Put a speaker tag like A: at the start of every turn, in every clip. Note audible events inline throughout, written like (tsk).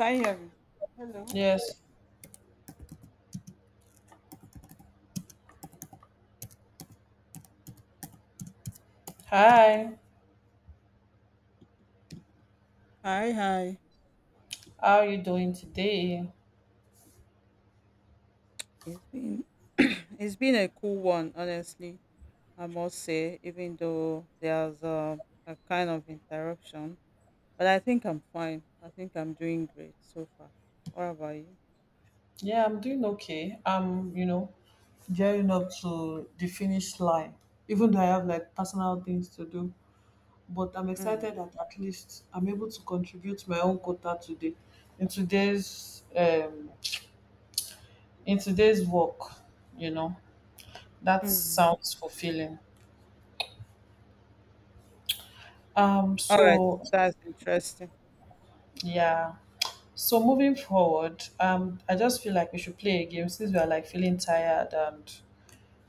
A: Can you hear me? Hello.
B: Yes. Hi.
A: Hi, hi.
B: How are you doing today?
A: It's been (clears throat) it's been a cool one, honestly. I must say, even though there's a kind of interruption, but I think I'm fine. I think I'm doing great so far. What about you?
B: Yeah, I'm doing okay. I'm, you know, gearing up to the finish line, even though I have like personal things to do. But I'm
A: Mm.
B: excited that at least I'm able to contribute my own quota today in today's in today's work, you know. That
A: Mm.
B: sounds fulfilling. Um
A: All right,
B: so
A: that's interesting.
B: yeah. So moving forward, I just feel like we should play a game since we are like feeling tired and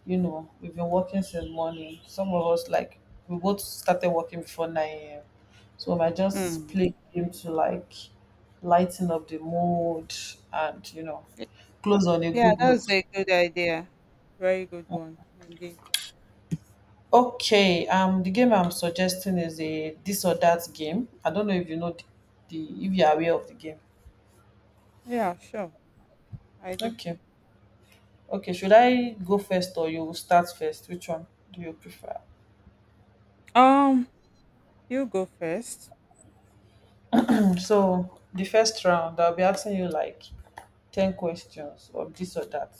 B: you know, we've been working since morning. Some of us like we both started working before nine a.m. So we might just
A: Mm.
B: play game to like lighten up the mood and you know
A: Y-
B: close on a
A: Yeah,
B: good
A: that's
B: note.
A: a good idea. Very good one indeed.
B: Okay, the game I'm suggesting is a this or that game. I don't know if you know the if you are aware of the game.
A: Yeah, sure, I do.
B: Okay, okay. Should I go first or you start first? Which one do you prefer?
A: Um, you go first.
B: So the first round, I'll be asking you like 10 questions of this or that.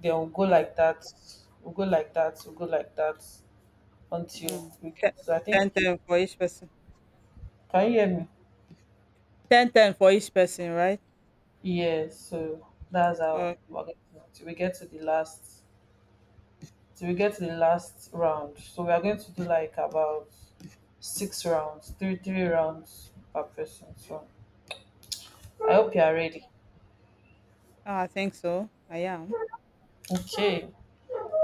B: Then we'll go
A: Mm.
B: like that, we'll go like that, we'll go like that until
A: Mm.
B: we get.
A: Ten,
B: So I think,
A: ten ten for each person.
B: can you hear me?
A: Ten ten for each person, right?
B: Yes. So that's
A: Oh,
B: how we're going to, till we get to the last, till we get to the last round. So we are going to do like about 6 rounds, three three rounds per person. So I hope you are
A: Mm.
B: ready.
A: I think so. I am.
B: Okay.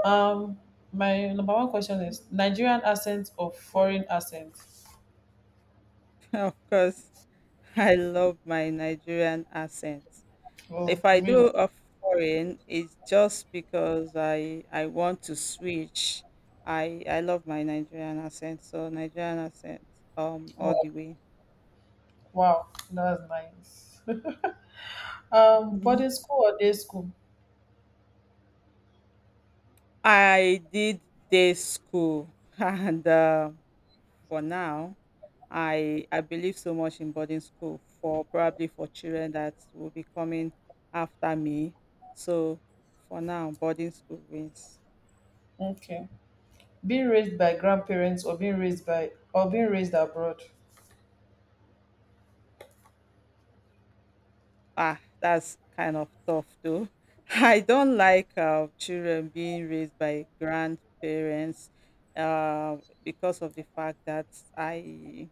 B: Um, my number one question is Nigerian accent or foreign accent?
A: (laughs) Of course. I love my Nigerian accent.
B: Oh,
A: If I
B: really?
A: do a foreign, it's just because I want to switch. I love my Nigerian accent, so Nigerian accent all
B: Oh,
A: the way.
B: wow, that's nice. (laughs)
A: Mhm.
B: Boarding school or day school?
A: I did day school (laughs) and for now, I believe so much in boarding school for probably for children that will be coming after me. So for now, boarding school wins.
B: Okay. Being raised by grandparents or being raised by or being raised abroad.
A: Ah, that's kind of tough though. (laughs) I don't like children being raised by grandparents uh, because of the fact that I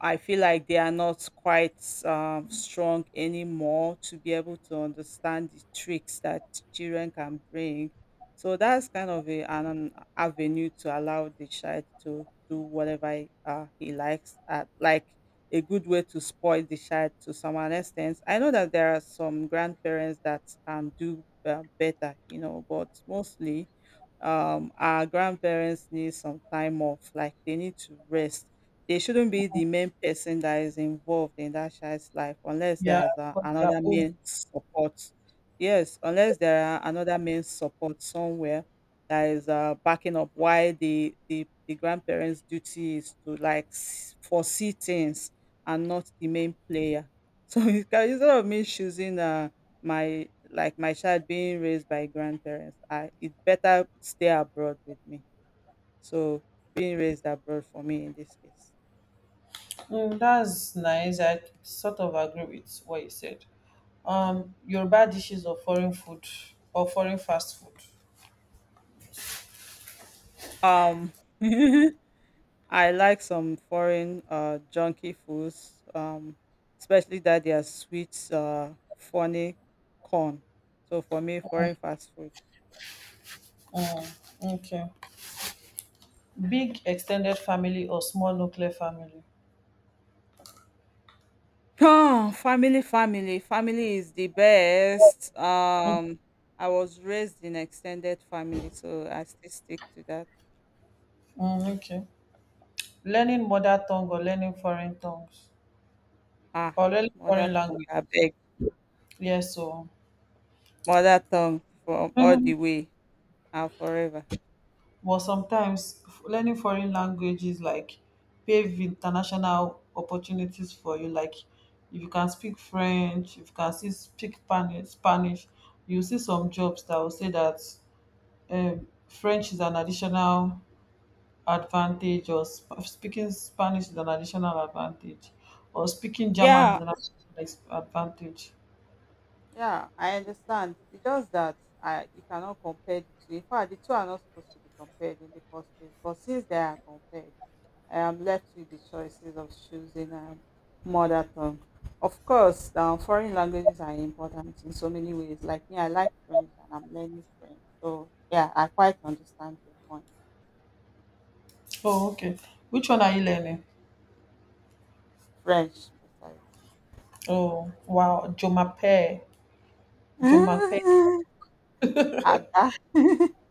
A: I feel like they are not quite strong anymore to be able to understand the tricks that children can bring. So that's kind of a, an avenue to allow the child to do whatever he likes, at, like a good way to spoil the child to some an extent. I know that there are some grandparents that can do better, but mostly our grandparents need some time off, like they need to rest they shouldn't be the main person that is involved in that child's life unless
B: Yeah,
A: there's a,
B: because they are
A: another
B: old.
A: main support. Yes, unless there are another main support somewhere that is backing up why the grandparents' duty is to like foresee things and not the main player. (laughs) So instead of me choosing my like my child being raised by grandparents, I it better stay abroad with me. So being raised abroad for me in this case.
B: Mm, that's nice. I sort of agree with what you said. Yoruba dishes or foreign food or foreign fast food.
A: Um, (laughs) I like some foreign junky foods, especially that they are sweet, funny corn. So for me, foreign fast food.
B: Mm, okay. Big extended family or small nuclear family.
A: Oh, family, family, family is the best. I was raised in extended family, so I still stick to that.
B: Mm, okay. Learning mother tongue or learning foreign tongues
A: Ah,
B: or learning
A: mother
B: foreign
A: tongue,
B: language.
A: I beg,
B: Yes, so.
A: mother tongue from all the
B: (laughs)
A: way, and forever.
B: But sometimes learning foreign languages like pave international opportunities for you like if you can speak french, if you can still speak spanish, you see some jobs that will say that french is an additional advantage or speaking spanish is an additional advantage or speaking german is
A: Yeah,
B: an additional advantage.
A: yeah, I understand. It's just that I you cannot compare the two. In fact, the two are not supposed to be compared in the first place. But since they are compared, I am left with the choices of choosing mother tongue. Of course, foreign languages are important in so many ways. Like me, I like French and I'm learning French. So yeah, I quite understand your point.
B: Oh okay, which one are you learning?
A: French, precisely.
B: Oh wow, jomape, jomape.
A: (laughs) Ada, (laughs)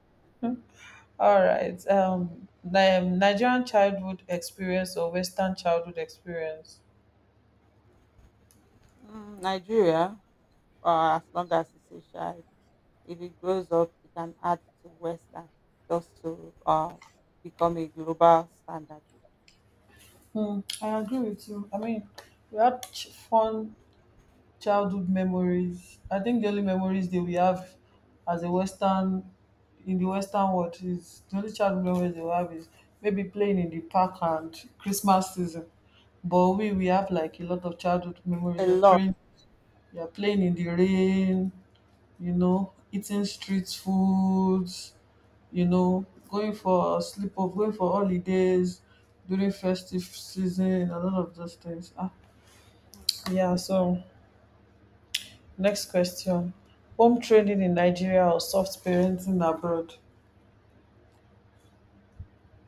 B: All right. Nigerian childhood experience or Western childhood experience?
A: Mm, Nigeria, as long as it's Asia, if it grows up, it can add to Western just to become a global standard.
B: Hmm, I agree with you. I mean, we had fun childhood memories. I think the only memories that we have as a Western in the Western world is the only childhood memories that we have is maybe playing in the park and Christmas season. But we have like a lot of childhood
A: A
B: memories of
A: lot.
B: playing. We are playing in the rain, you know, eating street foods, you know, going for sleep off, going for holidays during festive season and a lot of those things. Ah.
A: Mm.
B: Yeah, so next question. Home training in Nigeria or soft parenting abroad?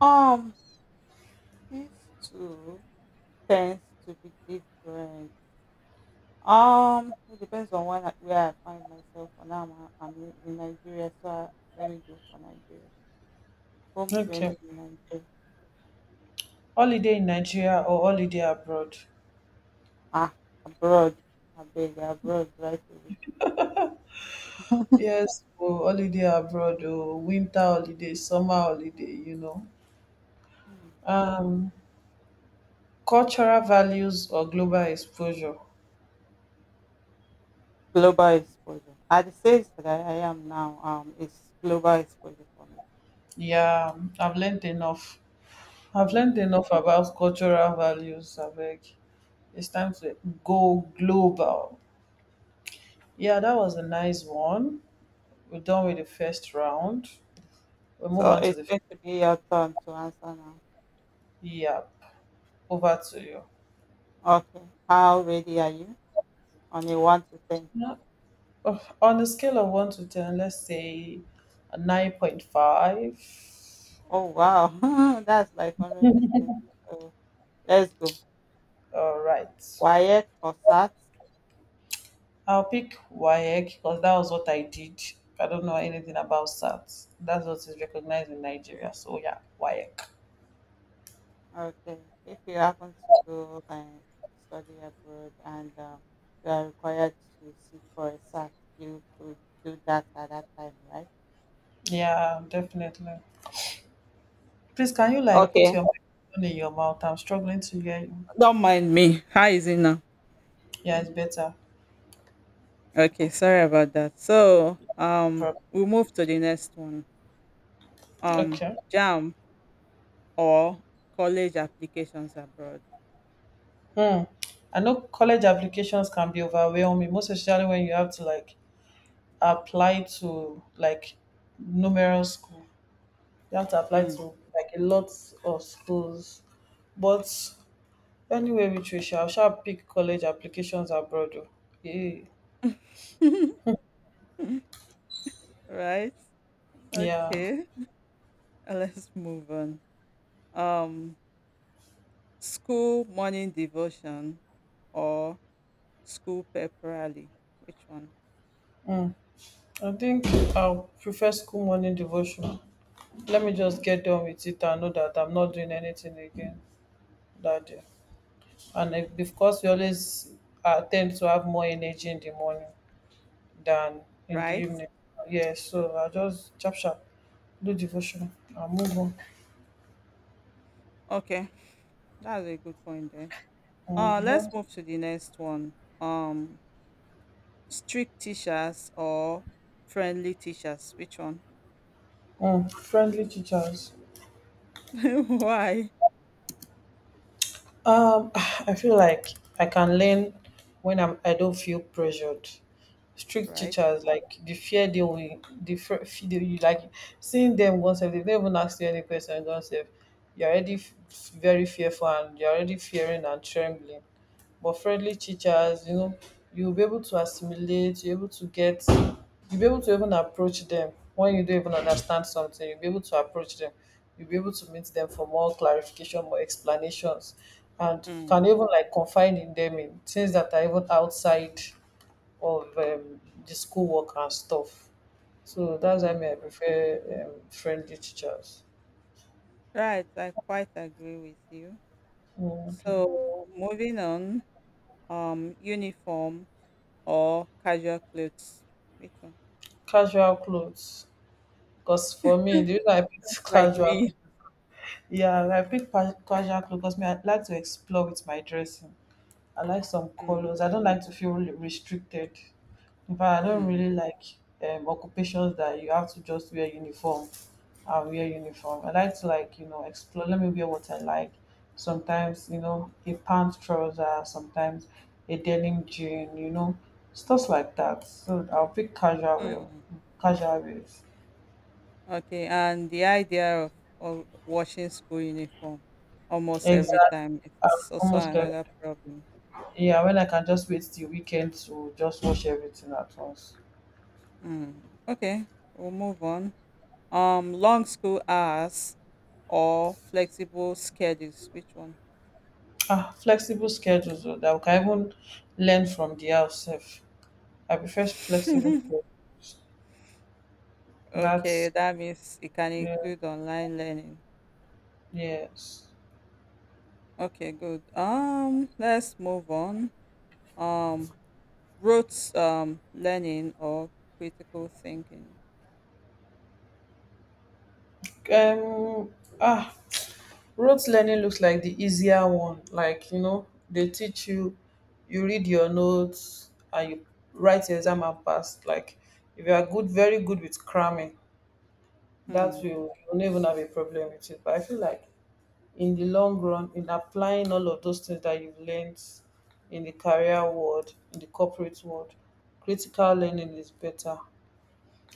A: Um, these two tends to be different. It depends on where I find myself. For now, I'm in Nigeria, so let me go for Nigeria. Home training
B: Okay.
A: in Nigeria.
B: Holiday in Nigeria or holiday abroad?
A: Ah, abroad. I beg abroad right away.
B: Yes, oh, holiday abroad, oh, winter holiday, summer holiday, you know.
A: Hmm.
B: Um, cultural values or global exposure?
A: Global exposure. At the stage that I am now, it's global exposure for me.
B: Yeah, I've learned enough. I've
A: Mm.
B: learned enough about cultural values, Abeg. It's time to go global. Yeah, that was a nice one. We're done with the first round. We'll move
A: So
B: on to
A: it's
B: the
A: going to be your turn to answer now.
B: yep. Over to you.
A: Okay. How ready are you? On a one to ten.
B: Yeah. Oh, on a scale of 1 to 10, let's say a 9.5.
A: Oh wow, (laughs) that's like 100%. So let's go.
B: All right.
A: Wyatt or Sat?
B: I'll pick WAEC because that was what I did. I don't know anything about SAT. That's what is recognized in Nigeria. So yeah, WAEC.
A: Okay. If you happen to go and to study abroad and you are required to sit for a Sat, you could do that at that time, right?
B: Yeah, definitely. Please, can you like put
A: Okay.
B: your microphone in your mouth? I'm struggling to hear you.
A: Don't mind me. How is it now?
B: Yeah, it's better.
A: Okay. Sorry about that. So
B: Prob-
A: we move to the next one. Um,
B: Okay.
A: Jam or college applications abroad.
B: Hmm. I know college applications can be overwhelming, most especially when you have to like apply to like numerous schools. You have to apply to
A: Hmm.
B: like a lot of schools. But anyway, Patricia, I shall pick college applications abroad. Oh. Yeah.
A: (laughs) Right?
B: Yeah.
A: Okay. (laughs) Let's move on. Um, School morning devotion or school pep rally. Which one?
B: Hmm. I think I'll prefer school morning devotion. Let me just get done with it and know that I'm not doing anything again that day. And if, because we always tend to have more energy in the morning than in the
A: Right?
B: evening. Yeah, so I just chop chop, do devotion and move on.
A: Okay. That's a good point there. Let's move to the next one. Um, Strict teachers or friendly teachers. Which one?
B: Mm, friendly teachers.
A: (laughs) Why?
B: (sighs) I feel like I can learn when I don't feel pressured. Strict
A: Right?
B: teachers like the fear they will the fear they you like seeing them once, if they don't even ask you any question once, if you're already very fearful and you're already fearing and trembling, but friendly teachers, you know, you'll be able to assimilate, you're able to get, you'll be able to even approach them when you don't even understand something, you'll be able to approach them, you'll be able to meet them for more clarification, more explanations, and you can
A: Mm.
B: even like confide in them in things that are even outside of the schoolwork and stuff. So that's why
A: Mm.
B: me I prefer friendly teachers.
A: Right. I quite agree with you.
B: Oh, okay.
A: So moving on, uniform or casual clothes. Which one?
B: Casual clothes, because for me the reason I
A: Just
B: picked (laughs)
A: like
B: casual
A: me.
B: clothes, yeah, I picked casual clothes because me I like to explore with my dressing. I like some
A: Mm,
B: colors. I don't like to feel restricted. In fact, I don't
A: mm,
B: really like occupations that you have to just wear uniform and wear uniform. I like to like you know explore. Let me wear what I like. Sometimes you know a pant trouser, sometimes a denim jean. You know stuff like that. So I'll pick casual wear,
A: mm.
B: casual wears.
A: Okay, and the idea of washing school uniform almost every
B: Exactly.
A: time
B: Um,
A: it's also
B: almost every,
A: another problem.
B: yeah. When I can just wait till weekend to just wash everything at once.
A: Mm. Okay, we'll move on. Long school hours or flexible schedules. Which one?
B: Ah, flexible schedules o, dat we can even learn from the house sef. I prefer flexible schedule
A: (laughs) Okay,
B: dat
A: that means it can
B: yeah,
A: include online learning.
B: yes.
A: Okay, good. Let's move on. Um, Roots, learning or critical thinking.
B: um Ah, rote learning looks like the easier one, like you know they teach you, you read your notes and you write your exam and pass, like if you are good, very good with cramming, that
A: Hmm.
B: will you don't even have a problem with it, but I feel like in the long run in applying all of those things that you've learned in the career world, in the corporate world, critical learning is better.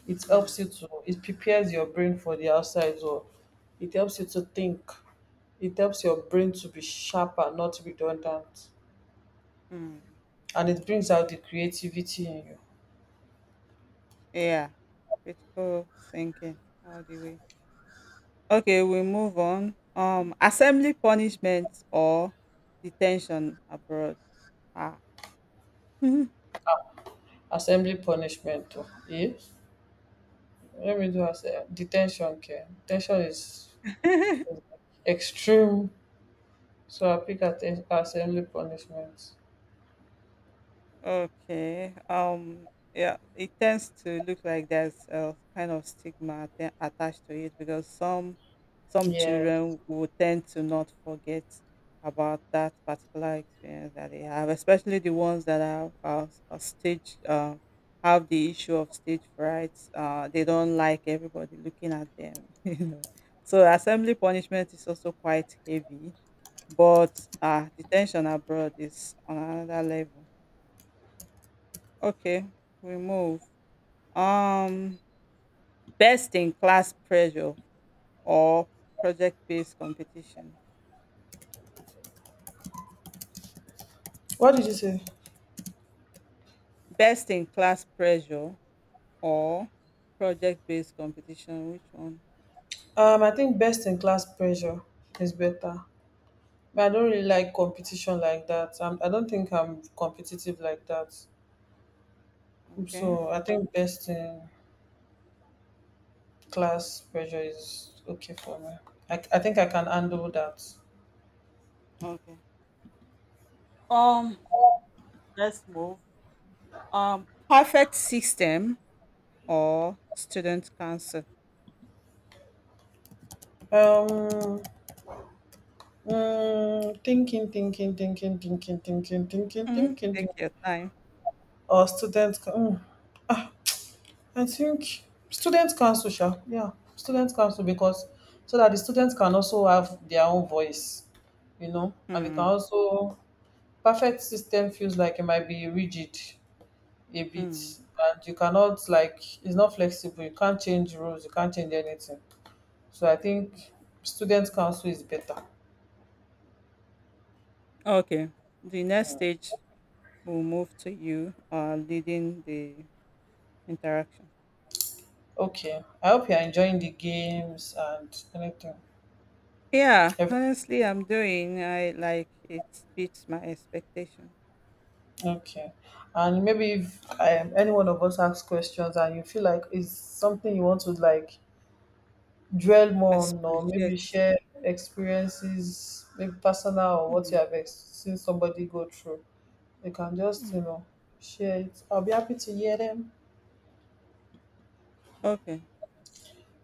B: It helps
A: Hmm.
B: you to it prepares your brain for the outside world, it helps you to think, it helps your brain to be sharper, not redundant,
A: Hmm.
B: and it brings out the creativity in you.
A: Yeah, critical thinking all the way. Okay, we move on. Assembly punishment or detention abroad. Ah.
B: Assembly punishment o eh, let me do assem detention. Care detention is
A: (laughs)
B: extreme. So I pick at assembly punishment.
A: Okay. Yeah. It tends to look like there's a kind of stigma attached to it because some
B: Yeah.
A: children will tend to not forget about that particular experience that they have, especially the ones that are stage have the issue of stage fright. They don't like everybody looking at them. (laughs) You know. So assembly punishment is also quite heavy, but detention abroad is on another level. Okay, remove. Um, Best in class pressure or project based competition.
B: What did you say?
A: Best in class pressure or project based competition. Which one?
B: I think best in class pressure is better. But I don't really like competition like that. I don't think I'm competitive like that.
A: Okay.
B: So I think best in class pressure is okay for me. I think I can handle that.
A: Okay. Um, let's move. Perfect system or student council.
B: Um, mm, thinking, thinking, thinking, thinking, thinking, thinking,
A: Hmm,
B: thinking, thinking.
A: take your time.
B: Or students. Mm. Ah, I think student council, sha. Yeah, student council because so that the students can also have their own voice, you know, and they can
A: Hmm.
B: also perfect system feels like it might be rigid a bit,
A: Hmm.
B: and you cannot like it's not flexible. You can't change rules. You can't change anything. So I think student council is better.
A: Okay. The next stage will move to you leading the interaction.
B: Okay, I hope you're enjoying the games and anything.
A: Yeah, honestly, I'm doing. I like it beats my expectation.
B: Okay. And maybe if any one of us asks questions and you feel like it's something you want to like dwell more on or
A: Expansion. Yes.
B: maybe share experiences, maybe personal or what you
A: Mm.
B: have seen somebody go through, you can just, you
A: Mm.
B: know, share it. I'll be happy to hear them.
A: Okay.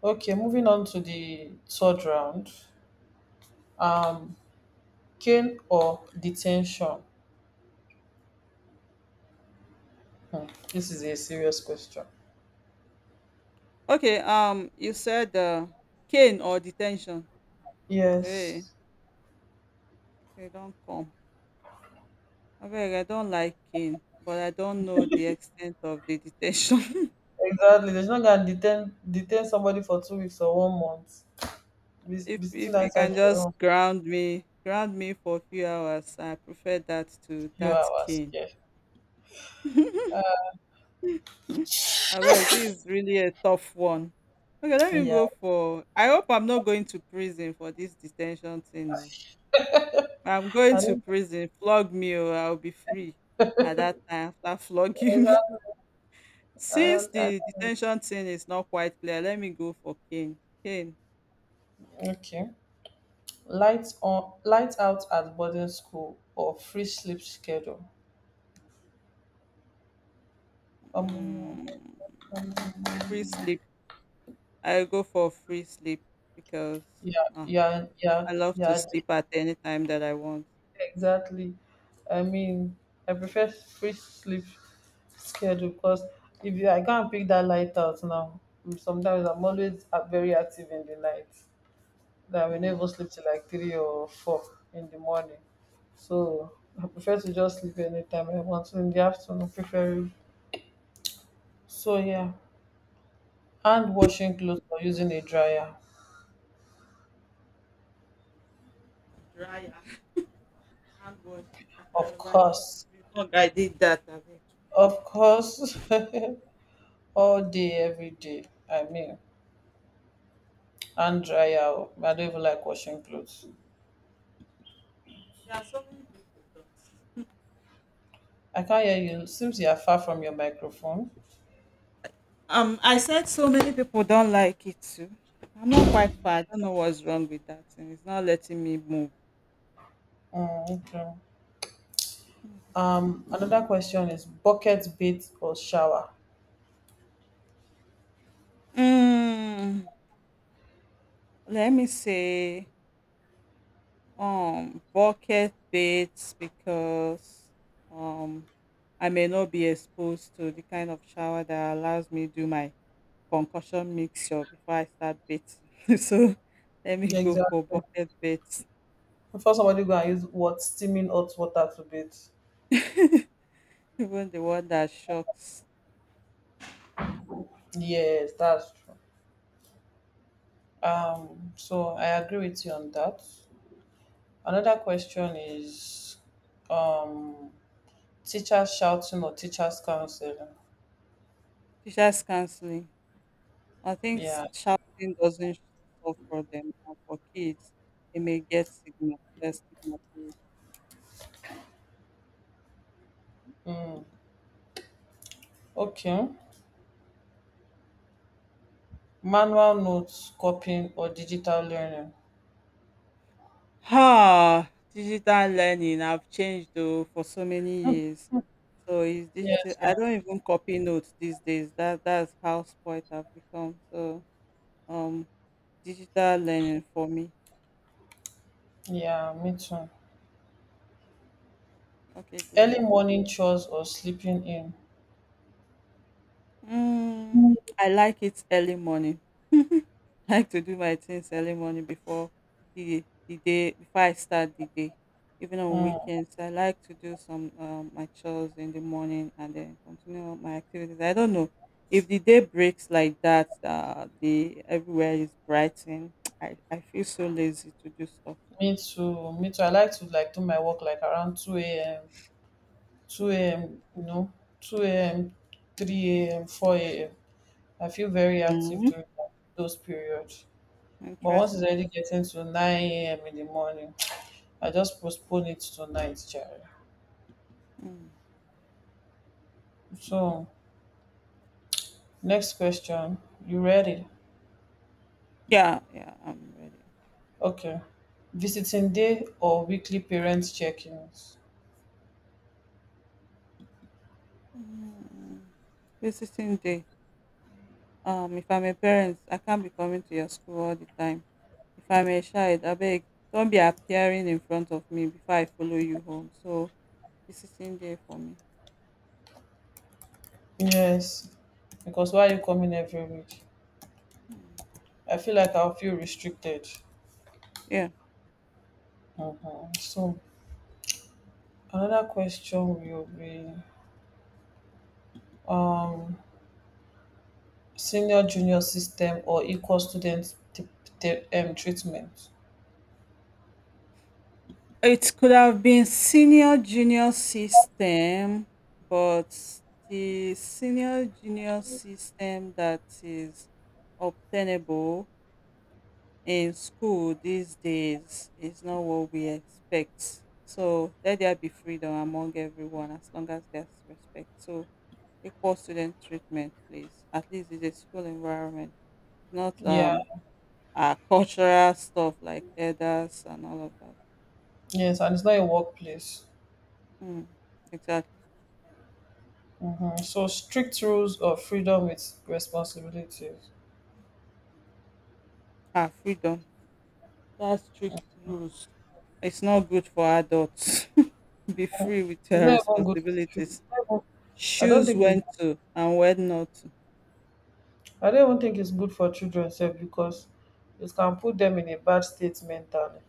B: Okay, moving on to the third round. Um, cane or detention? Hmm, this is a serious question.
A: Okay. You said cane or detention. Hey,
B: Yes.
A: they don't come. I beg, I don't like cane, but I don't know the extent of the detention.
B: Exactly. There's not gonna detain somebody for 2 weeks or 1 month.
A: (laughs) if
B: Be sitting
A: if you
B: outside
A: can
B: the
A: just
B: room
A: ground me for a few hours, I prefer that to
B: a few
A: that
B: hours.
A: cane.
B: Yeah.
A: I'm Abeg, this is really a tough one. Okay, let me
B: Yeah.
A: go for. I hope I'm not going to prison for this detention thing. Oh, I'm going
B: I
A: to
B: don't
A: prison. Flog me, or I'll be free at that time after flogging me.
B: exactly
A: (laughs)
B: I
A: Since
B: don't, I
A: the detention thing is not quite clear, let me go for Kane. Kane,
B: okay. Lights on lights out at boarding school or free sleep schedule. Um
A: mm, free sleep. I go for free sleep because
B: yeah,
A: ah,
B: yeah, yeah,
A: I love to
B: yeah,
A: sleep at any time that I want.
B: exactly. I mean I prefer free sleep schedule because if you, I can't pick that light out now. Sometimes I'm always very active in the night, that we
A: Hmm.
B: never sleep till like 3 or 4 in the morning. So I prefer to just sleep anytime I want. So, in the afternoon, preferably. So yeah, hand washing clothes or using a dryer,
A: Dryer. Handwash. I can't
B: of
A: remember the it's
B: course,
A: been long I did that. I mean,
B: of course, (laughs) all day, every day. I mean, hand dryer. Oh, I don't even like washing clothes.
A: there are so many people don't.
B: I can't hear you. Seems you are far from your microphone.
A: I said so many people don't like it too. I'm not quite far. I don't know what's wrong with that, and it's not letting me move.
B: Mm, okay. Another question is bucket bath or shower.
A: Mm, let me say bucket baths because um I may not be exposed to the kind of shower that allows me do my concussion mixture before I start bathing. (laughs) So let me go for
B: Exactly.
A: bucket baths.
B: Before somebody go and use what steaming hot water to bathe.
A: (laughs) Even the one that shocks.
B: Yes, that's true. So I agree with you on that. Another question is um teachers shouting or teachers counseling.
A: Teachers counseling. I think
B: Yeah.
A: shouting doesn't solve problem. And for kids, it may get stigmatized.
B: Mm. Okay. Manual notes, copying or digital learning.
A: Ah, digital learning have changed though for so many years. So it's digital
B: Yes,
A: I
B: ma'am.
A: don't even copy notes these days. That's how spoiled I've become. So um digital learning for me.
B: Yeah, me too.
A: Okay, great.
B: Early morning chores or sleeping in.
A: Mm, I like it early morning. (laughs) I like to do my things early morning before the day before I start the day. Even on
B: Mm,
A: weekends, I like to do some my chores in the morning and then continue my activities. I don't know if the day breaks like that. The everywhere is brightened. (tsk) I feel so lazy to do stuff.
B: Me too. Me too. I like to like do my work like around two a.m.,
A: Hmm.
B: 2 a.m., 2 a.m., 3 a.m., 4 a.m. I feel very active
A: Mm,
B: during those periods, but once it's
A: interesting.
B: already getting to 9 a.m. in the morning, I just postpone it to night, child.
A: Mm.
B: So, next question. You ready?
A: Yeah, yeah, I'm ready.
B: Okay. Visiting day or weekly parents check-ins?
A: Mm. Visiting day. If I'm a parent, I can't be coming to your school all the time. If I'm a child, abeg, don't be appearing in front of me before I follow you home. So visiting day for me.
B: Yes, because why are you coming every week?
A: Hmm.
B: I feel like I'll feel restricted.
A: Yeah,
B: Mhm. So another question will be um senior junior system or equal student treatment.
A: it could have been senior junior system, but the senior junior system that is obtainable in school these days is not what we expect. So let there be freedom among everyone as long as there's respect. So equal student treatment, please. At least it's a school environment, not
B: Yeah,
A: our (laughs) cultural stuff like elders and all of that.
B: yes, and it's not a workplace.
A: Mm, exactly.
B: So strict rules of freedom with responsibilities.
A: Our freedom. That's strict rules. It's not good for adults. (laughs) Be free with
B: It's
A: your
B: not even good for children.
A: responsibilities.
B: It's not even- I don't
A: Choose
B: think it's,
A: when to and when not to.
B: I don't even think it's good for children self, because it can put them in a bad state mentally,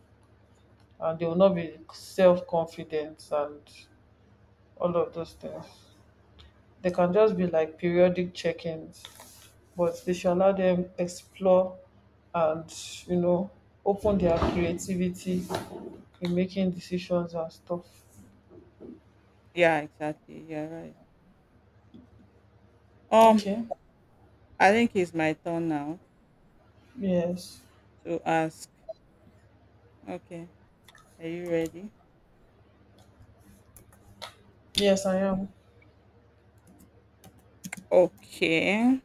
B: and they will not be self confident, and all of those things. They can just be like periodic check ins, but they should allow them explore and you know open their creativity in making decisions and stuff.
A: Yeah, exactly. Yeah, right. Um,
B: Okay.
A: I think it's my turn now
B: Yes.
A: to ask. Okay, are you ready?
B: Yes, I am.
A: Okay,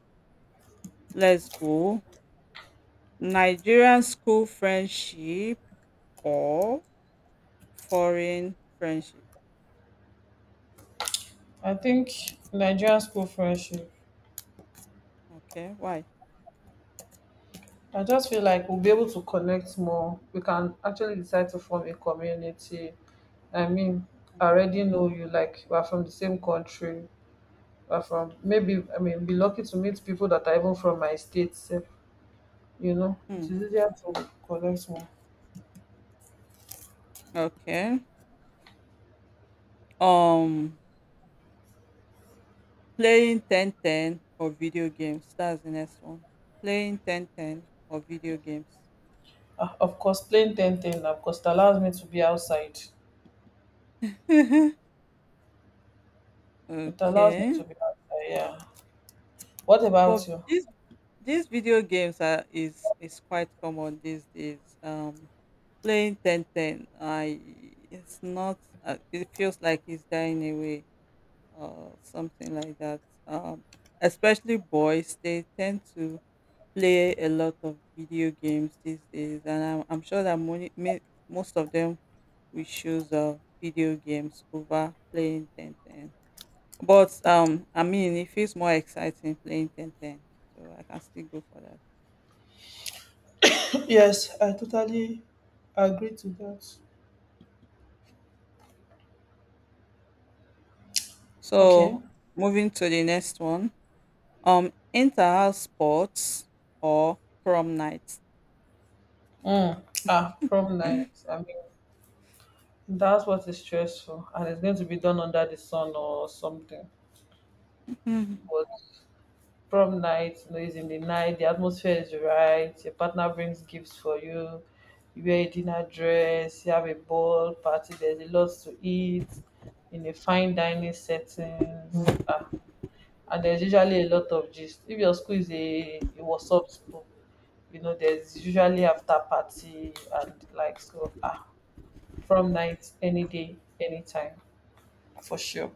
A: let's go. Nigerian school friendship or foreign friendship?
B: I think Nigerian school friendship.
A: Okay, why?
B: I just feel like we'll be able to connect more. We can actually decide to form a community. I mean, I already know you, like, we're from the same country. We're from, maybe, I mean, be lucky to meet people that are even from my state. You know, it
A: Hmm.
B: is easier to collect more.
A: Okay. Um, Playing ten ten or video games. That's the next one. Playing ten ten or video games.
B: Ah, of course, playing ten ten. Of course, it allows me to be outside.
A: (laughs)
B: It allows me
A: Okay.
B: to be outside, yeah. What
A: But
B: about you?
A: these video games are is quite common these days. Playing ten ten, I it's not. It feels like it's dying away or something like that. Um, especially boys, they tend to play a lot of video games these days, and I'm sure that most of them will choose video games over playing ten ten. But I mean, it feels more exciting playing ten ten, so I can still go for that.
B: (clears throat) Yes, I totally agree to that. Okay.
A: So moving to the next one, inter-house sports or prom night.
B: mm. Prom night, I mean, that's what is stressful, and it's going to be done under the sun or something.
A: Mhm.
B: But prom night, is in the night, the atmosphere is right, your partner brings gifts for you. You wear a dinner dress, you have a ball party, there's a lot to eat in a fine dining settings. And there's usually a lot of gist if your school is a whatsapp school. There's usually after party, and like so, prom night, any day, anytime, for sure.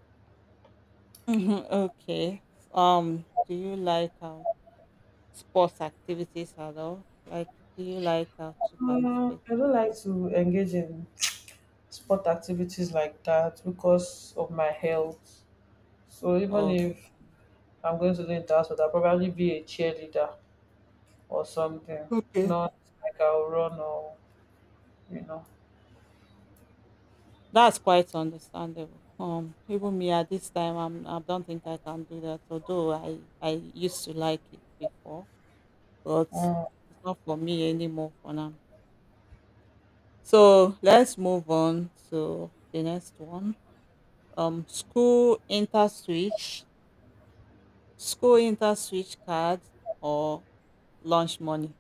A: Mhm, (laughs) okay. Do you like sports activities at all? Like, do you like to participate
B: I
A: in
B: don't
A: that?
B: like to engage in sport activities like that because of my health. So even
A: Or
B: if I'm going to do it that, but I'll probably be a cheerleader or something.
A: Okay.
B: Not like I'll run or you know.
A: That's quite understandable. Even me at this time, I don't think I can do that. Although I used to like it before, but
B: Mm.
A: it's not for me anymore for now. So let's move on to the next one. Um, school inter switch, school inter switch card or lunch money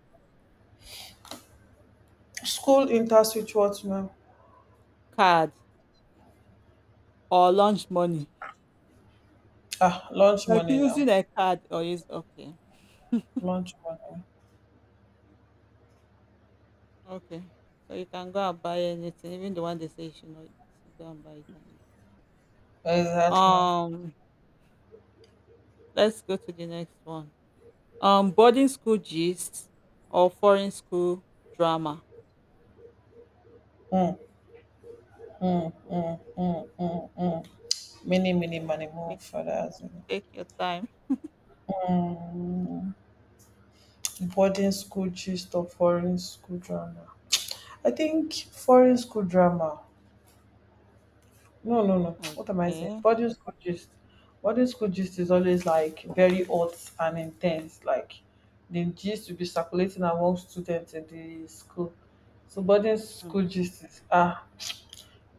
B: School interswitch what now?
A: card or lunch money.
B: Ah, lunch
A: Like
B: money now.
A: using a card or is okay,
B: Lunch money.
A: okay. So you can go and buy anything, even the one they say you should not eat. You go and buy it and eat.
B: Exactly.
A: Um, let's go to the next one. Boarding school gist or foreign school drama.
B: Mm, mm, mm, mm, mm, mm. Many, many money more for that.
A: Take your time.
B: Mm. Boarding school gist of foreign school drama. I think foreign school drama. No, no, no. What am I saying?
A: Okay.
B: Boarding school gist. Boarding school gist is always like very hot and intense. Like the gist will be circulating among students in the school. So boarding
A: Mm.
B: school gist is ah,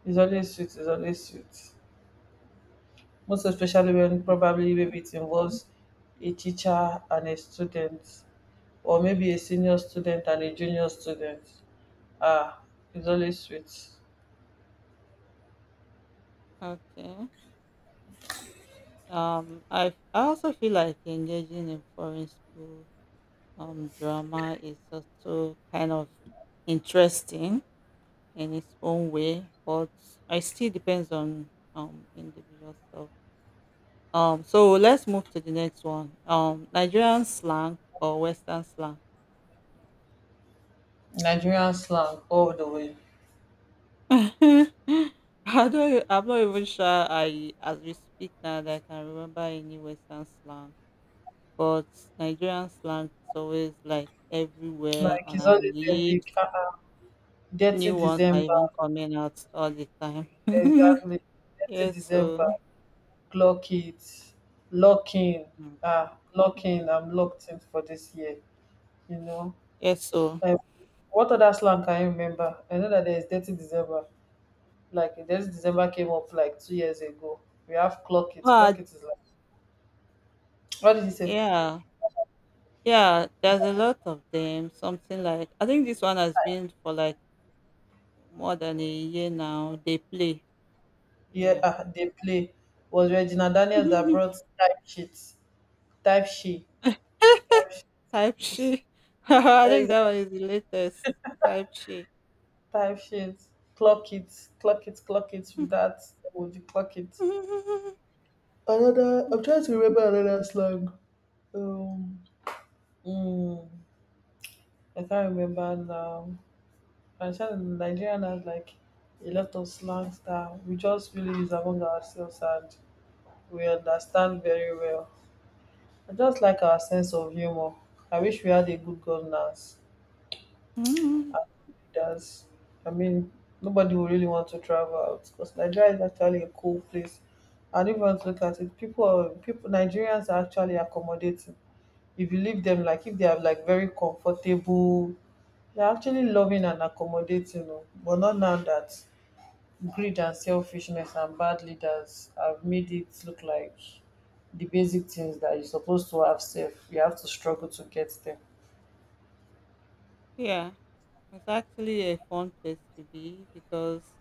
B: is always sweet. Is always sweet. Most especially when probably
A: Okay.
B: maybe it involves a teacher and a student, or maybe a senior student and a junior student. Ah, it's always sweet.
A: Okay. I also feel like engaging in foreign school drama is also kind of interesting in its own way, but I still depends on individual stuff. So let's move to the next one. Nigerian slang or Western slang.
B: Nigerian slang all the way.
A: (laughs) I don't, I'm not even sure I, as we speak now, that I can remember any Western slang, but Nigerian slang is always like everywhere
B: Like
A: on
B: it's
A: our
B: always
A: lips.
B: epic. 30
A: New ones are
B: december,
A: even coming out all the time. (laughs)
B: exactly, 30
A: Yes,
B: december,
A: so
B: clock it, lock in.
A: mm,
B: Ah, lock in.
A: mm.
B: I'm locked in for this year you know
A: yes, so
B: um what other slang can you remember? I know that there is 30 december, like 30 december came up like 2 years ago. We have clock it,
A: but
B: clock it is like, what did he say?
A: yeah, yeah, there's a lot of them. Something like I think this one has been for like more than a year now. They play,
B: Yeah,
A: yeah,
B: they play was Regina Daniels that brought type sheet, type she. (laughs)
A: (laughs) type she. (laughs) I think that one
B: Exactly.
A: is the latest, type she.
B: Time sheet, clock it, clock it, clock it. With that, would you clock it? Another. I'm trying to remember another slang. Um, mm, I can't remember now. I'm sure the Nigerian has like a lot of slangs that we just really use among ourselves and we understand very well. I just like our sense of humor. I wish we had a good governance.
A: (laughs) (laughs)
B: Does. I mean, nobody will really want to travel out because Nigeria is actually a cool place. And if you want to look at it, Nigerians are actually accommodating. If you leave them, like if they are like very comfortable, they're actually loving and accommodating. Oh. But not now that greed and selfishness and bad leaders have made it look like the basic things that you're supposed to have safe, you have to struggle to get them.
A: Yeah, it's actually a fun place to be because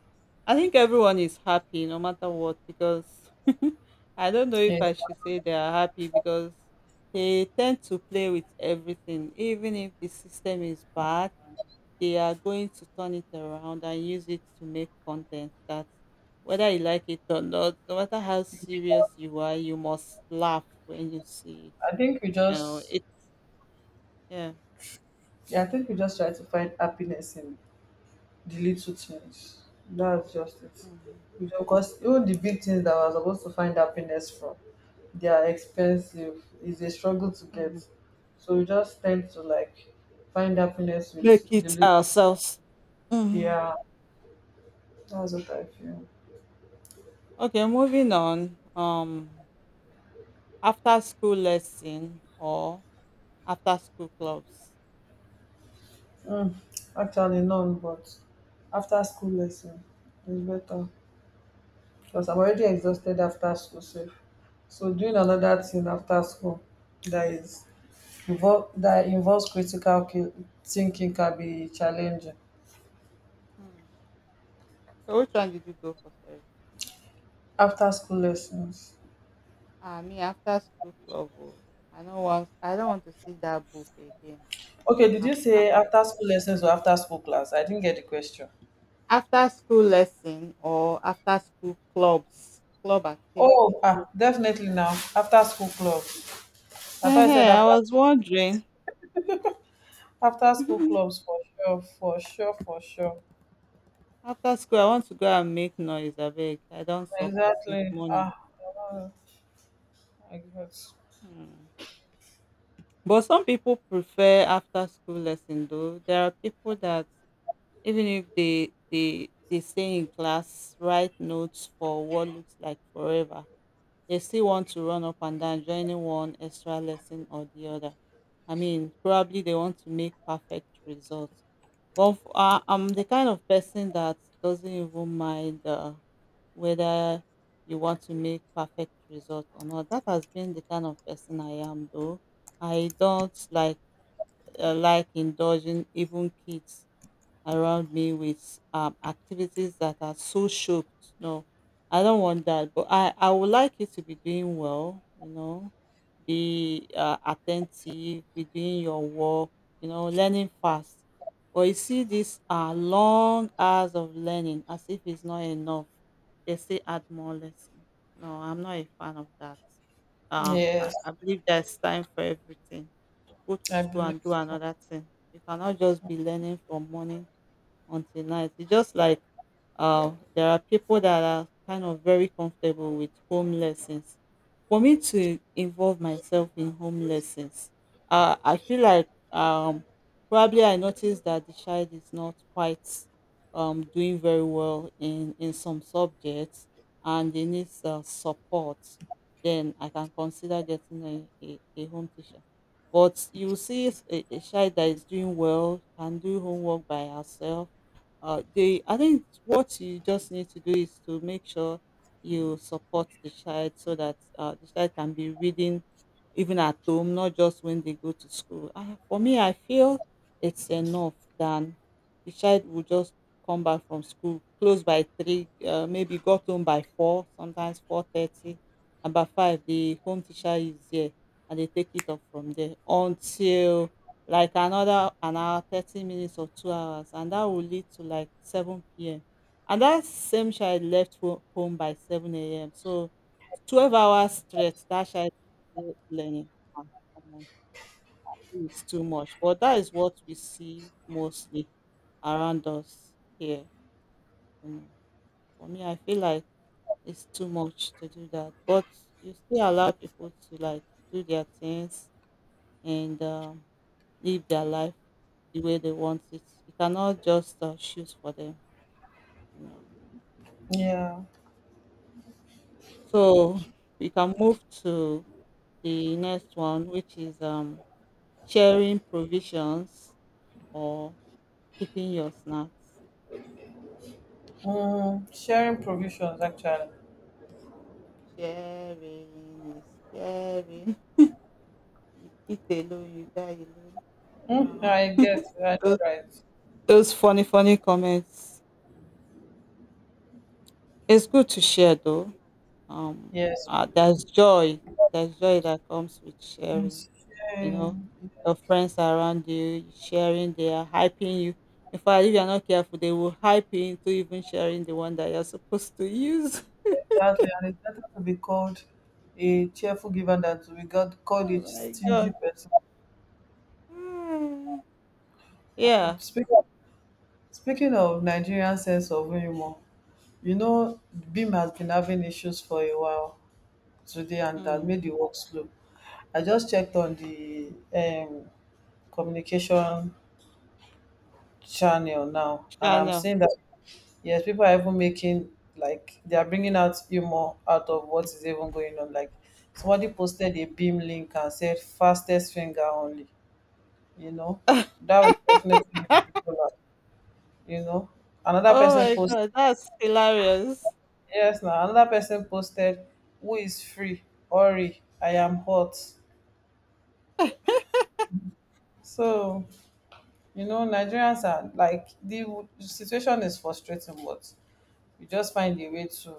A: I think everyone is happy no matter what. Because (laughs) I don't know if
B: Yes.
A: I should say they are happy because they tend to play with everything, even if the system is bad, they are going to turn it around and use it to make content that whether you like it or not, no matter how serious you are, you must laugh when you see it.
B: I think we
A: You know,
B: just
A: it, yeah.
B: Yeah, I think we just try to find happiness in the little things. That's just it. Because even the big things that we're supposed to find happiness from, they are expensive. It's a struggle to
A: Mhm.
B: get. So we just tend to like find happiness
A: Make
B: with the
A: it
B: little.
A: ourselves. Mhm.
B: Yeah, that's what I feel.
A: Okay, moving on. After school lesson or after school clubs.
B: Mm, Actually, none, but after school lesson is better, because I'm
A: Mhm.
B: already exhausted after school. So, doing another thing after school that is that involves critical thinking can be challenging.
A: Hmm. So which one did you go for? Sorry.
B: After school lessons.
A: Me after school club. Oh, I don't want to see that book again.
B: Okay, did you
A: After
B: say after school lessons or after school class? I didn't get the question.
A: After school lesson or after school clubs, club activities.
B: Oh, definitely now after school club. I thought I said
A: Hey, I
B: after
A: was wondering.
B: after school clubs,
A: (laughs)
B: for sure, for sure, for sure.
A: After school, I want to go and make noise. I beg. I don't suffer since
B: Exactly.
A: morning.
B: Uh, I guess.
A: Hmm. But some people prefer after school lesson though. There are people that even if they stay in class, write notes for what looks like forever, they still want to run up and down joining one extra lesson or the other. I mean, probably they want to make perfect results. But I'm the kind of person that doesn't even mind whether you want to make perfect results or not. That has been the kind of person I am though. I don't like indulging even kids around me with activities that are so shocked. No, I don't want that. But I would like you to be doing well, you know, be attentive, be doing your work, you know, learning fast. But you see, these are long hours of learning as if it's not enough. They say add more lessons. No, I'm not a fan of that. Um, I,
B: Yes,
A: I believe there's time for everything. Go to
B: I
A: school
B: believe
A: and do
B: so.
A: another thing. You cannot just be learning from morning until night. It's just like there are people that are kind of very comfortable with home lessons. For me to involve myself in home lessons, I feel like probably I noticed that the child is not quite doing very well in some subjects and they need support. Then I can consider getting a home teacher. But you see a child that is doing well, can do homework by herself. They I think what you just need to do is to make sure you support the child so that the child can be reading even at home, not just when they go to school. For me, I feel it's enough than the child will just come back from school close by three, maybe got home by four, sometimes 4:30, and by five the home teacher is there and they take it up from there until like another an hour, 30 minutes or 2 hours, and that will lead to like 7 p.m. And that same child left home by 7 a.m. So 12 hours straight, that child is still learning. Ah, come on, it's too much. But that is what we see mostly around us here. You know. For me, I feel like it's too much to do that. But you still allow people to like do their things and live their life the way they want it. You cannot just choose for them, you know.
B: Yeah.
A: So we can move to the next one, which is sharing provisions or keeping your snacks.
B: Sharing provisions, actually.
A: Sharing is caring. Eat alone, you die alone. Uh,
B: I get. I know,
A: those,
B: right?
A: those funny, funny comments. It's good to share though. Um,
B: Yes.
A: there's joy. There's joy that comes with sharing
B: It's
A: you know,
B: shame.
A: your friends around you sharing, they are hyping you. In fact, if you're not careful, they will hype you into even sharing the one that you're supposed to use.
B: Exactly. And it's better to be called a cheerful giver than to be
A: (laughs)
B: called a
A: Oh my
B: stingy
A: god.
B: person.
A: (sighs) Hmm.
B: Uh,
A: Yeah.
B: Speaking speaking of Nigerian sense of humor, you know, Beam has been having issues for a while today, and that
A: Mm.
B: made the work slow. I just checked on the communication channel now, and I'm
A: I
B: seeing that. Yes, people are even making like they are bringing out humor out of what is even going on. Like somebody posted a beam link and said fastest finger only. You know,
A: (laughs)
B: that would definitely make people laugh. You know, Another
A: Oh
B: person
A: my
B: posted.
A: god, that's hilarious.
B: Yes, now another person posted: who is free. Ori, I am hot. So, Nigerians are like the situation is frustrating, but we just find a way to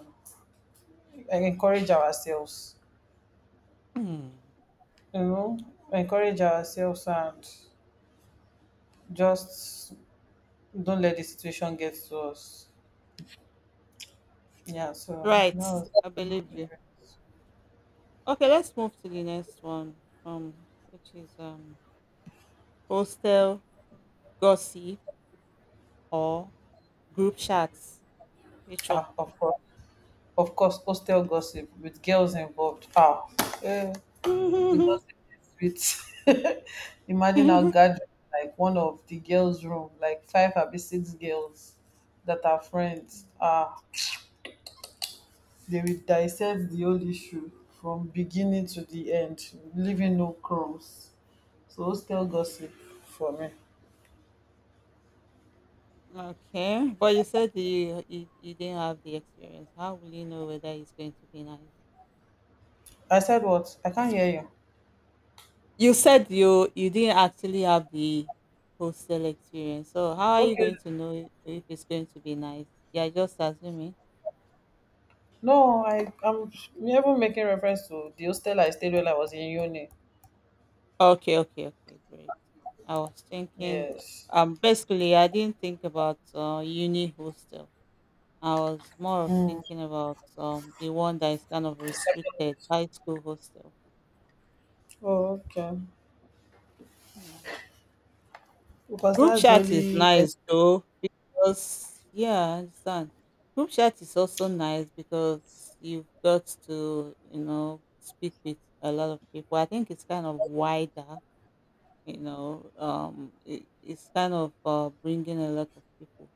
B: encourage ourselves.
A: Hmm.
B: you know Encourage ourselves, and just don't let the situation get to us. Yeah, so that
A: Right.
B: was
A: I believe you. Okay, let's move to the next one. Which is hostel gossip or group chats. Which one?
B: ah of course of course hostel gossip with girls involved, eh, the gossip is sweet. (laughs) Imagine our
A: (laughs)
B: gathering like one of the girls room, like five or six girls that are friends, they will dissect the whole issue from beginning to the end, leaving no crumbs. So, hostel gossip for me.
A: Okay, but you said you didn't have the experience. How will you know whether it's going to be nice?
B: I said what? I can't hear you.
A: You said you didn't actually have the hostel experience. So how are you going
B: Okay.
A: to know if it's going to be nice? You're just assuming.
B: No, I'm never making reference to the hostel I stayed when I was in uni.
A: Okay, okay, okay, great. I was thinking,
B: Yes.
A: basically, I didn't think about uni hostel. I was more of
B: Mm.
A: thinking about the one that is kind of restricted, high school hostel.
B: Oh, okay.
A: Hmm.
B: Because
A: Group
B: that's the
A: chat is
B: only.
A: nice
B: Ex-
A: though because yeah, I understand. Group chat is also nice because you've got to, you know, speak with a lot of people. I think it's kind of wider, you know, it's kind of bringing a lot of people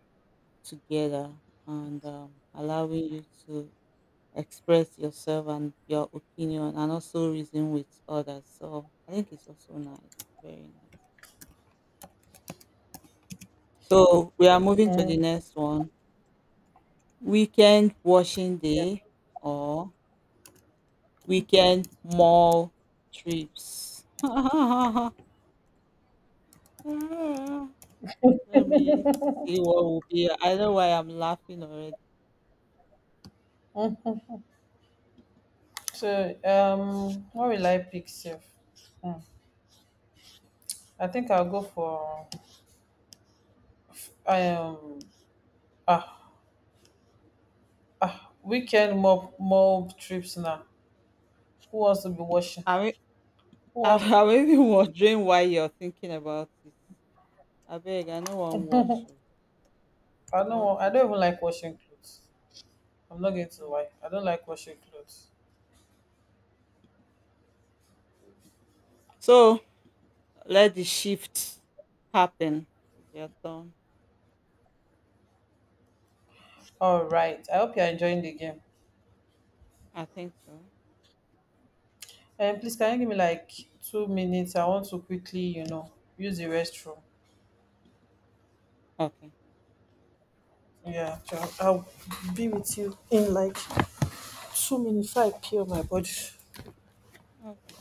A: together and allowing you to express yourself and your opinion and also reason with others. So I think it's also nice, very nice. So we are moving to the
B: Mm.
A: next one. Weekend washing
B: Yeah.
A: day or weekend mall trips? (laughs) Let me see what will be. I know why I'm laughing already.
B: So, what will I pick, safe? Mm. I think I'll go for I ah weekend mob trips now. Who wants to be washing?
A: I mean,
B: Who wants?
A: (laughs) I'm even wondering why you're thinking about it. I beg, I no wan wash. Oh.
B: I
A: I
B: don't.
A: want
B: Want, I
A: to
B: don't
A: go
B: even
A: out.
B: like washing clothes. I'm not going to
A: Hmm.
B: lie. I don't like washing clothes.
A: So let the shift happen. It's your turn.
B: All right. I hope you're enjoying the game.
A: I think so.
B: And please, can you give me like 2 minutes? I want to quickly, use the restroom.
A: Okay.
B: Yeah, sure. I'll be with you in like 2 minutes. So I peel my body.
A: Okay.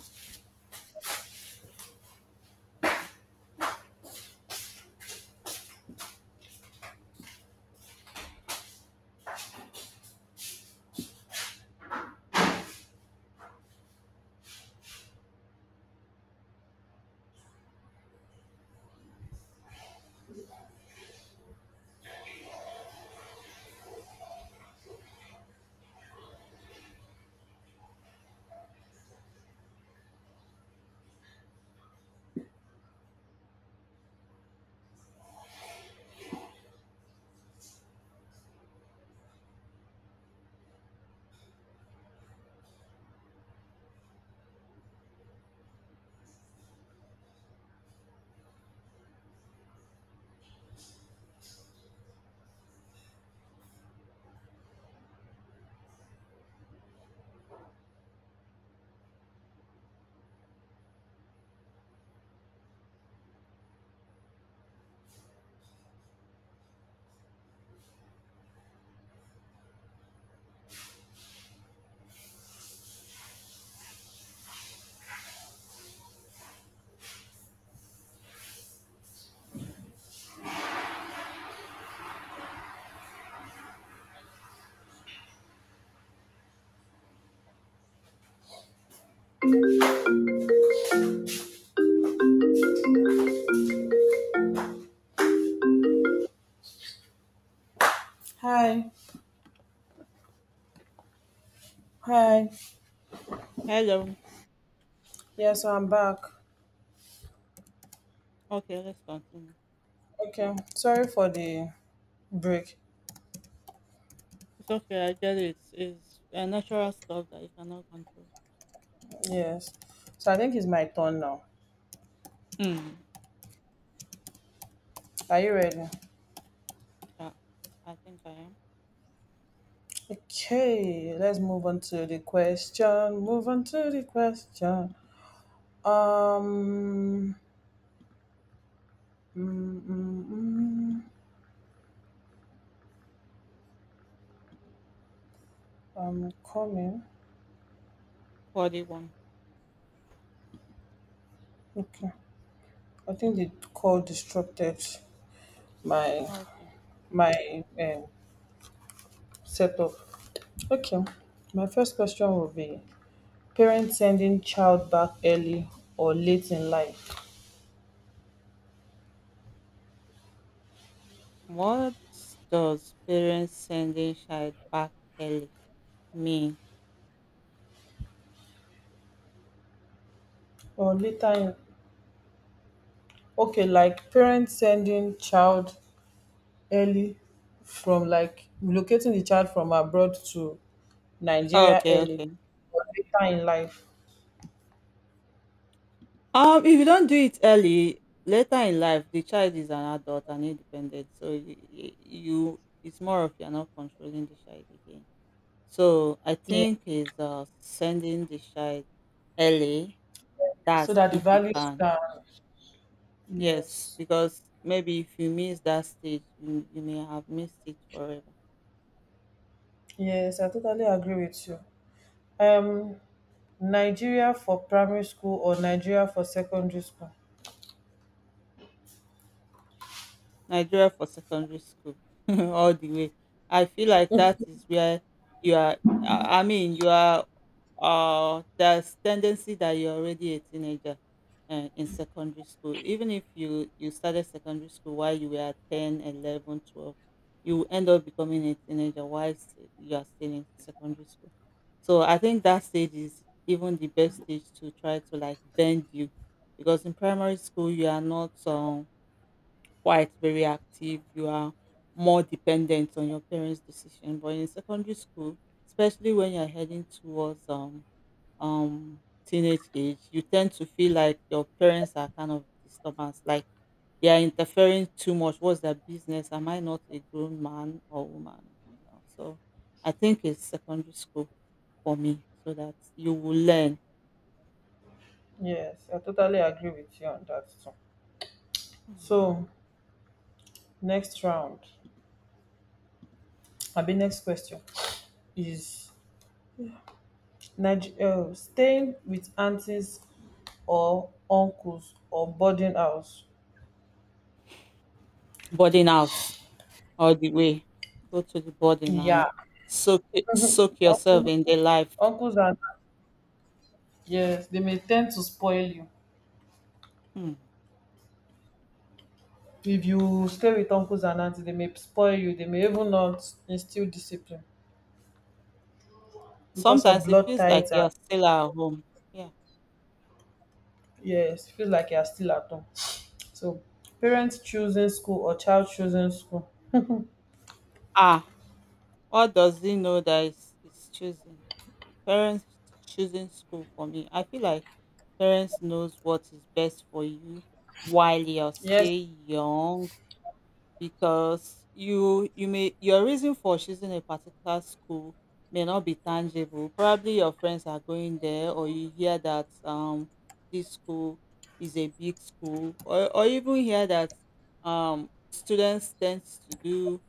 B: Hi, hi.
A: Hello.
B: Yeah, so I'm back.
A: Okay, let's continue.
B: Okay. Sorry for the break.
A: It's okay, I get it. It's a natural stuff that you cannot control.
B: Yes. So I think it's my turn now.
A: Hmm.
B: Are you ready?
A: Yeah, I think I am
B: Okay, let's move on to the question. Move on to the question. Um, mm, mm, mm, I'm coming.
A: 41.
B: Okay, I think the call disrupted my
A: Okay.
B: my setup. Okay, my first question will be: parents sending child back early or late in life
A: What does parents sending child back early mean?
B: or later in, okay, like, parents sending child early, from like relocating the child from abroad to Nigeria
A: Okay,
B: early
A: okay.
B: or later in life.
A: If you don't do it early, later in life, the child is an adult and independent. So it's more of you're not controlling the child again. So I
B: Yeah.
A: think is sending the child early.
B: So
A: That's
B: that the
A: if you
B: values
A: can.
B: can.
A: Yes,
B: Yes.
A: because maybe if you miss that stage, you may have missed it forever.
B: Yes, I totally agree with you. Um Nigeria for primary school or Nigeria for secondary school.
A: Nigeria for secondary school (laughs) all the way. I feel like that is where you are. I mean, you are. There's tendency that you're already a teenager in secondary school. Even if you started secondary school while you were 10, 11, 12, you end up becoming a teenager while you are still in secondary school. So I think that stage is even the best stage to try to like bend you, because in primary school you are not quite very active, you are more dependent on your parents' decision. But in secondary school, especially when you're heading towards teenage age, you tend to feel like your parents are kind of disturbance, like they are interfering too much. What's their business? Am I not a grown man or woman? You know, so I think it's secondary school for me, so that you will learn
B: Yes, I totally agree with you on that too. So, next round, I mean next question is staying with aunties or uncles or boarding house.
A: boarding house all the way. Go to the boarding and
B: Yeah,
A: soak it, soak yourself
B: uncles,
A: in the life.
B: uncles and yes, they may tend to spoil you.
A: Hmm.
B: If you stay with uncles and aunties, they may spoil you. They may even not instill discipline because of
A: Sometimes it
B: blood
A: feels like
B: ties, and
A: you're still at home. Yeah.
B: yes, it feels like you are still at home. So, parents choosing school or child choosing school.
A: Ah, what does he know that is choosing? Parents choosing school for me. I feel like parents knows what is best for you while you're
B: Yes,
A: still young, because your reason for choosing a particular school may not be tangible. Probably your friends are going there, or you hear that this school is a big school, or even hear that students tend to do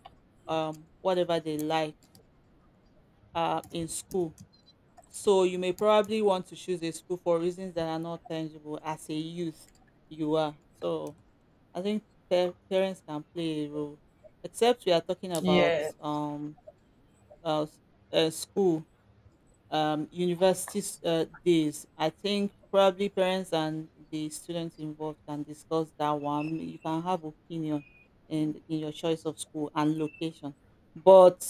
A: whatever they like in school. So you may probably want to choose a school for reasons that are not tangible as a youth you are. So I think parents can play a role, except we are talking about
B: yes.
A: uh, s- school university days. I think probably parents and the students involved can discuss that one. You can have opinion in your choice of school and location, but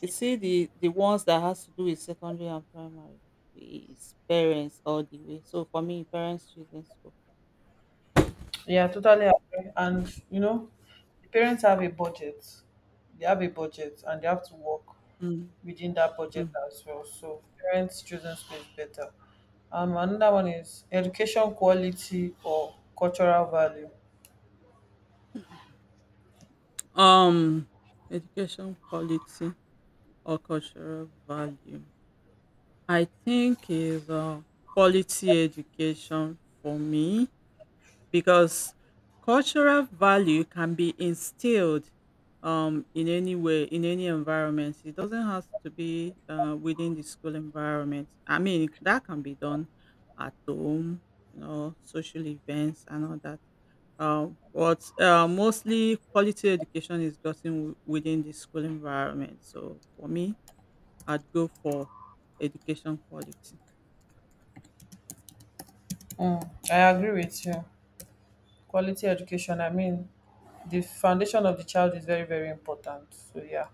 A: you see the ones that has to do with secondary and primary is parents all the way. So for me, parents choosing school.
B: Yeah, totally agree. And the parents have a budget. They have a budget, and they have to work within that budget
A: Mm.
B: as well. So parents choosing school is better. Another one is education quality or cultural value.
A: Um, Education quality or cultural value. I think is quality education for me because cultural value can be instilled, in any way, in any environment. It doesn't have to be within the school environment. I mean, that can be done at home, you know, social events and all that. Uh, but mostly quality education is gotten within the school environment. So for me, I'd go for education quality.
B: I agree with you. Quality education, I mean, the foundation of the child is very, very important. So yeah.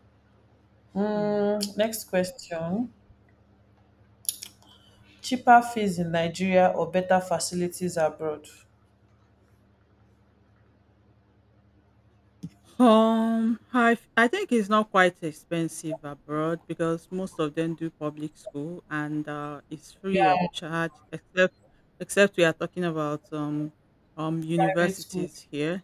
A: Hmm.
B: Next question. Cheaper fees in Nigeria or better facilities abroad?
A: I think it's not quite expensive abroad because most of them do public school and it's free of
B: Yeah,
A: charge, except. Except we are talking about
B: private school.
A: universities here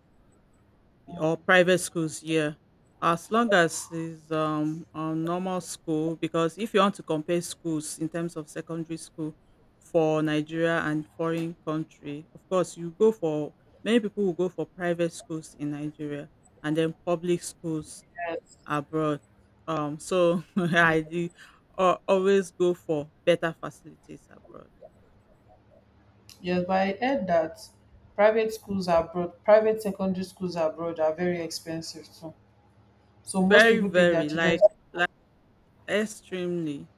A: or
B: Mm,
A: private schools, yeah, as long as it's a normal school, because if you want to compare schools in terms of secondary school for Nigeria and foreign country, of course you go for. Many people will go for private schools in Nigeria and then public schools
B: Yes,
A: abroad. So (laughs) I
B: yes,
A: do always go for better facilities abroad.
B: yes, but I heard that private schools abroad, private secondary schools abroad, are very expensive too. So most
A: Very,
B: people take their
A: very,
B: children.
A: like extremely.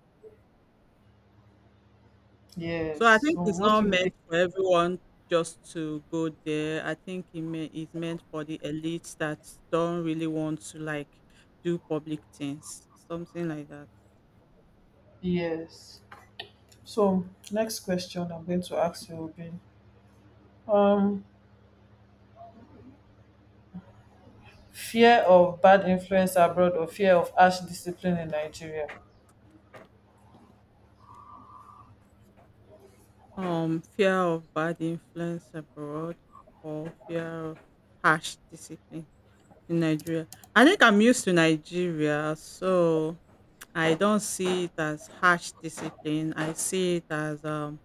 A: So
B: Yes,
A: I think
B: so
A: it's
B: most
A: not
B: people
A: meant
B: take.
A: for everyone just to go there. I think it's meant for the elites that don't really want to like do public things, something like that.
B: Yes. So next question I'm going to ask you will be um fear of bad influence abroad or fear of harsh discipline in Nigeria.
A: Fear of bad influence abroad or fear of harsh discipline in Nigeria. I think I'm used to Nigeria, so I don't see it as harsh discipline. I see it as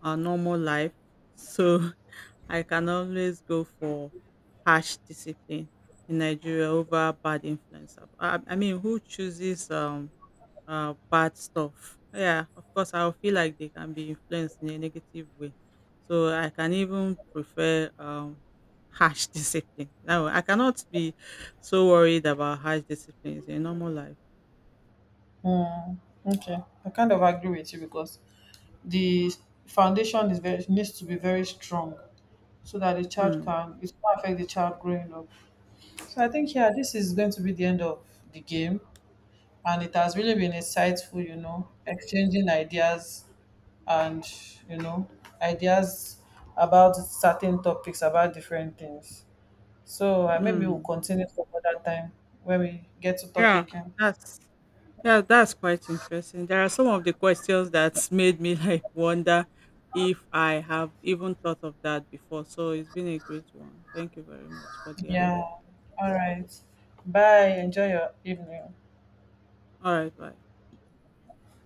A: a normal life. So I can always go for harsh discipline in Nigeria over bad influence. I mean, who chooses bad stuff? Yeah, of course, I'll feel like they can be influenced in a negative way. So I can even prefer harsh (laughs) discipline. Now I cannot be so worried about harsh disciplines in normal life.
B: Hmm. Okay, I kind of agree with you, because the foundation is very, needs to be very strong, so that the child
A: Hmm.
B: can it will not affect the child growing up. So I think, yeah, this is going to be the end of the game, and it has really been insightful. Exchanging ideas, and you know ideas about certain topics about different things. So maybe we'll
A: Hmm.
B: continue some other time when we get to talk
A: Yeah,
B: again.
A: that's Yeah, that's quite interesting. There are some of the questions that's made me (laughs) like wonder if I have even thought of that before. So it's been a great one. Thank you very much for the
B: Yeah.
A: idea.
B: All right. Bye. Enjoy your evening.
A: All right, bye.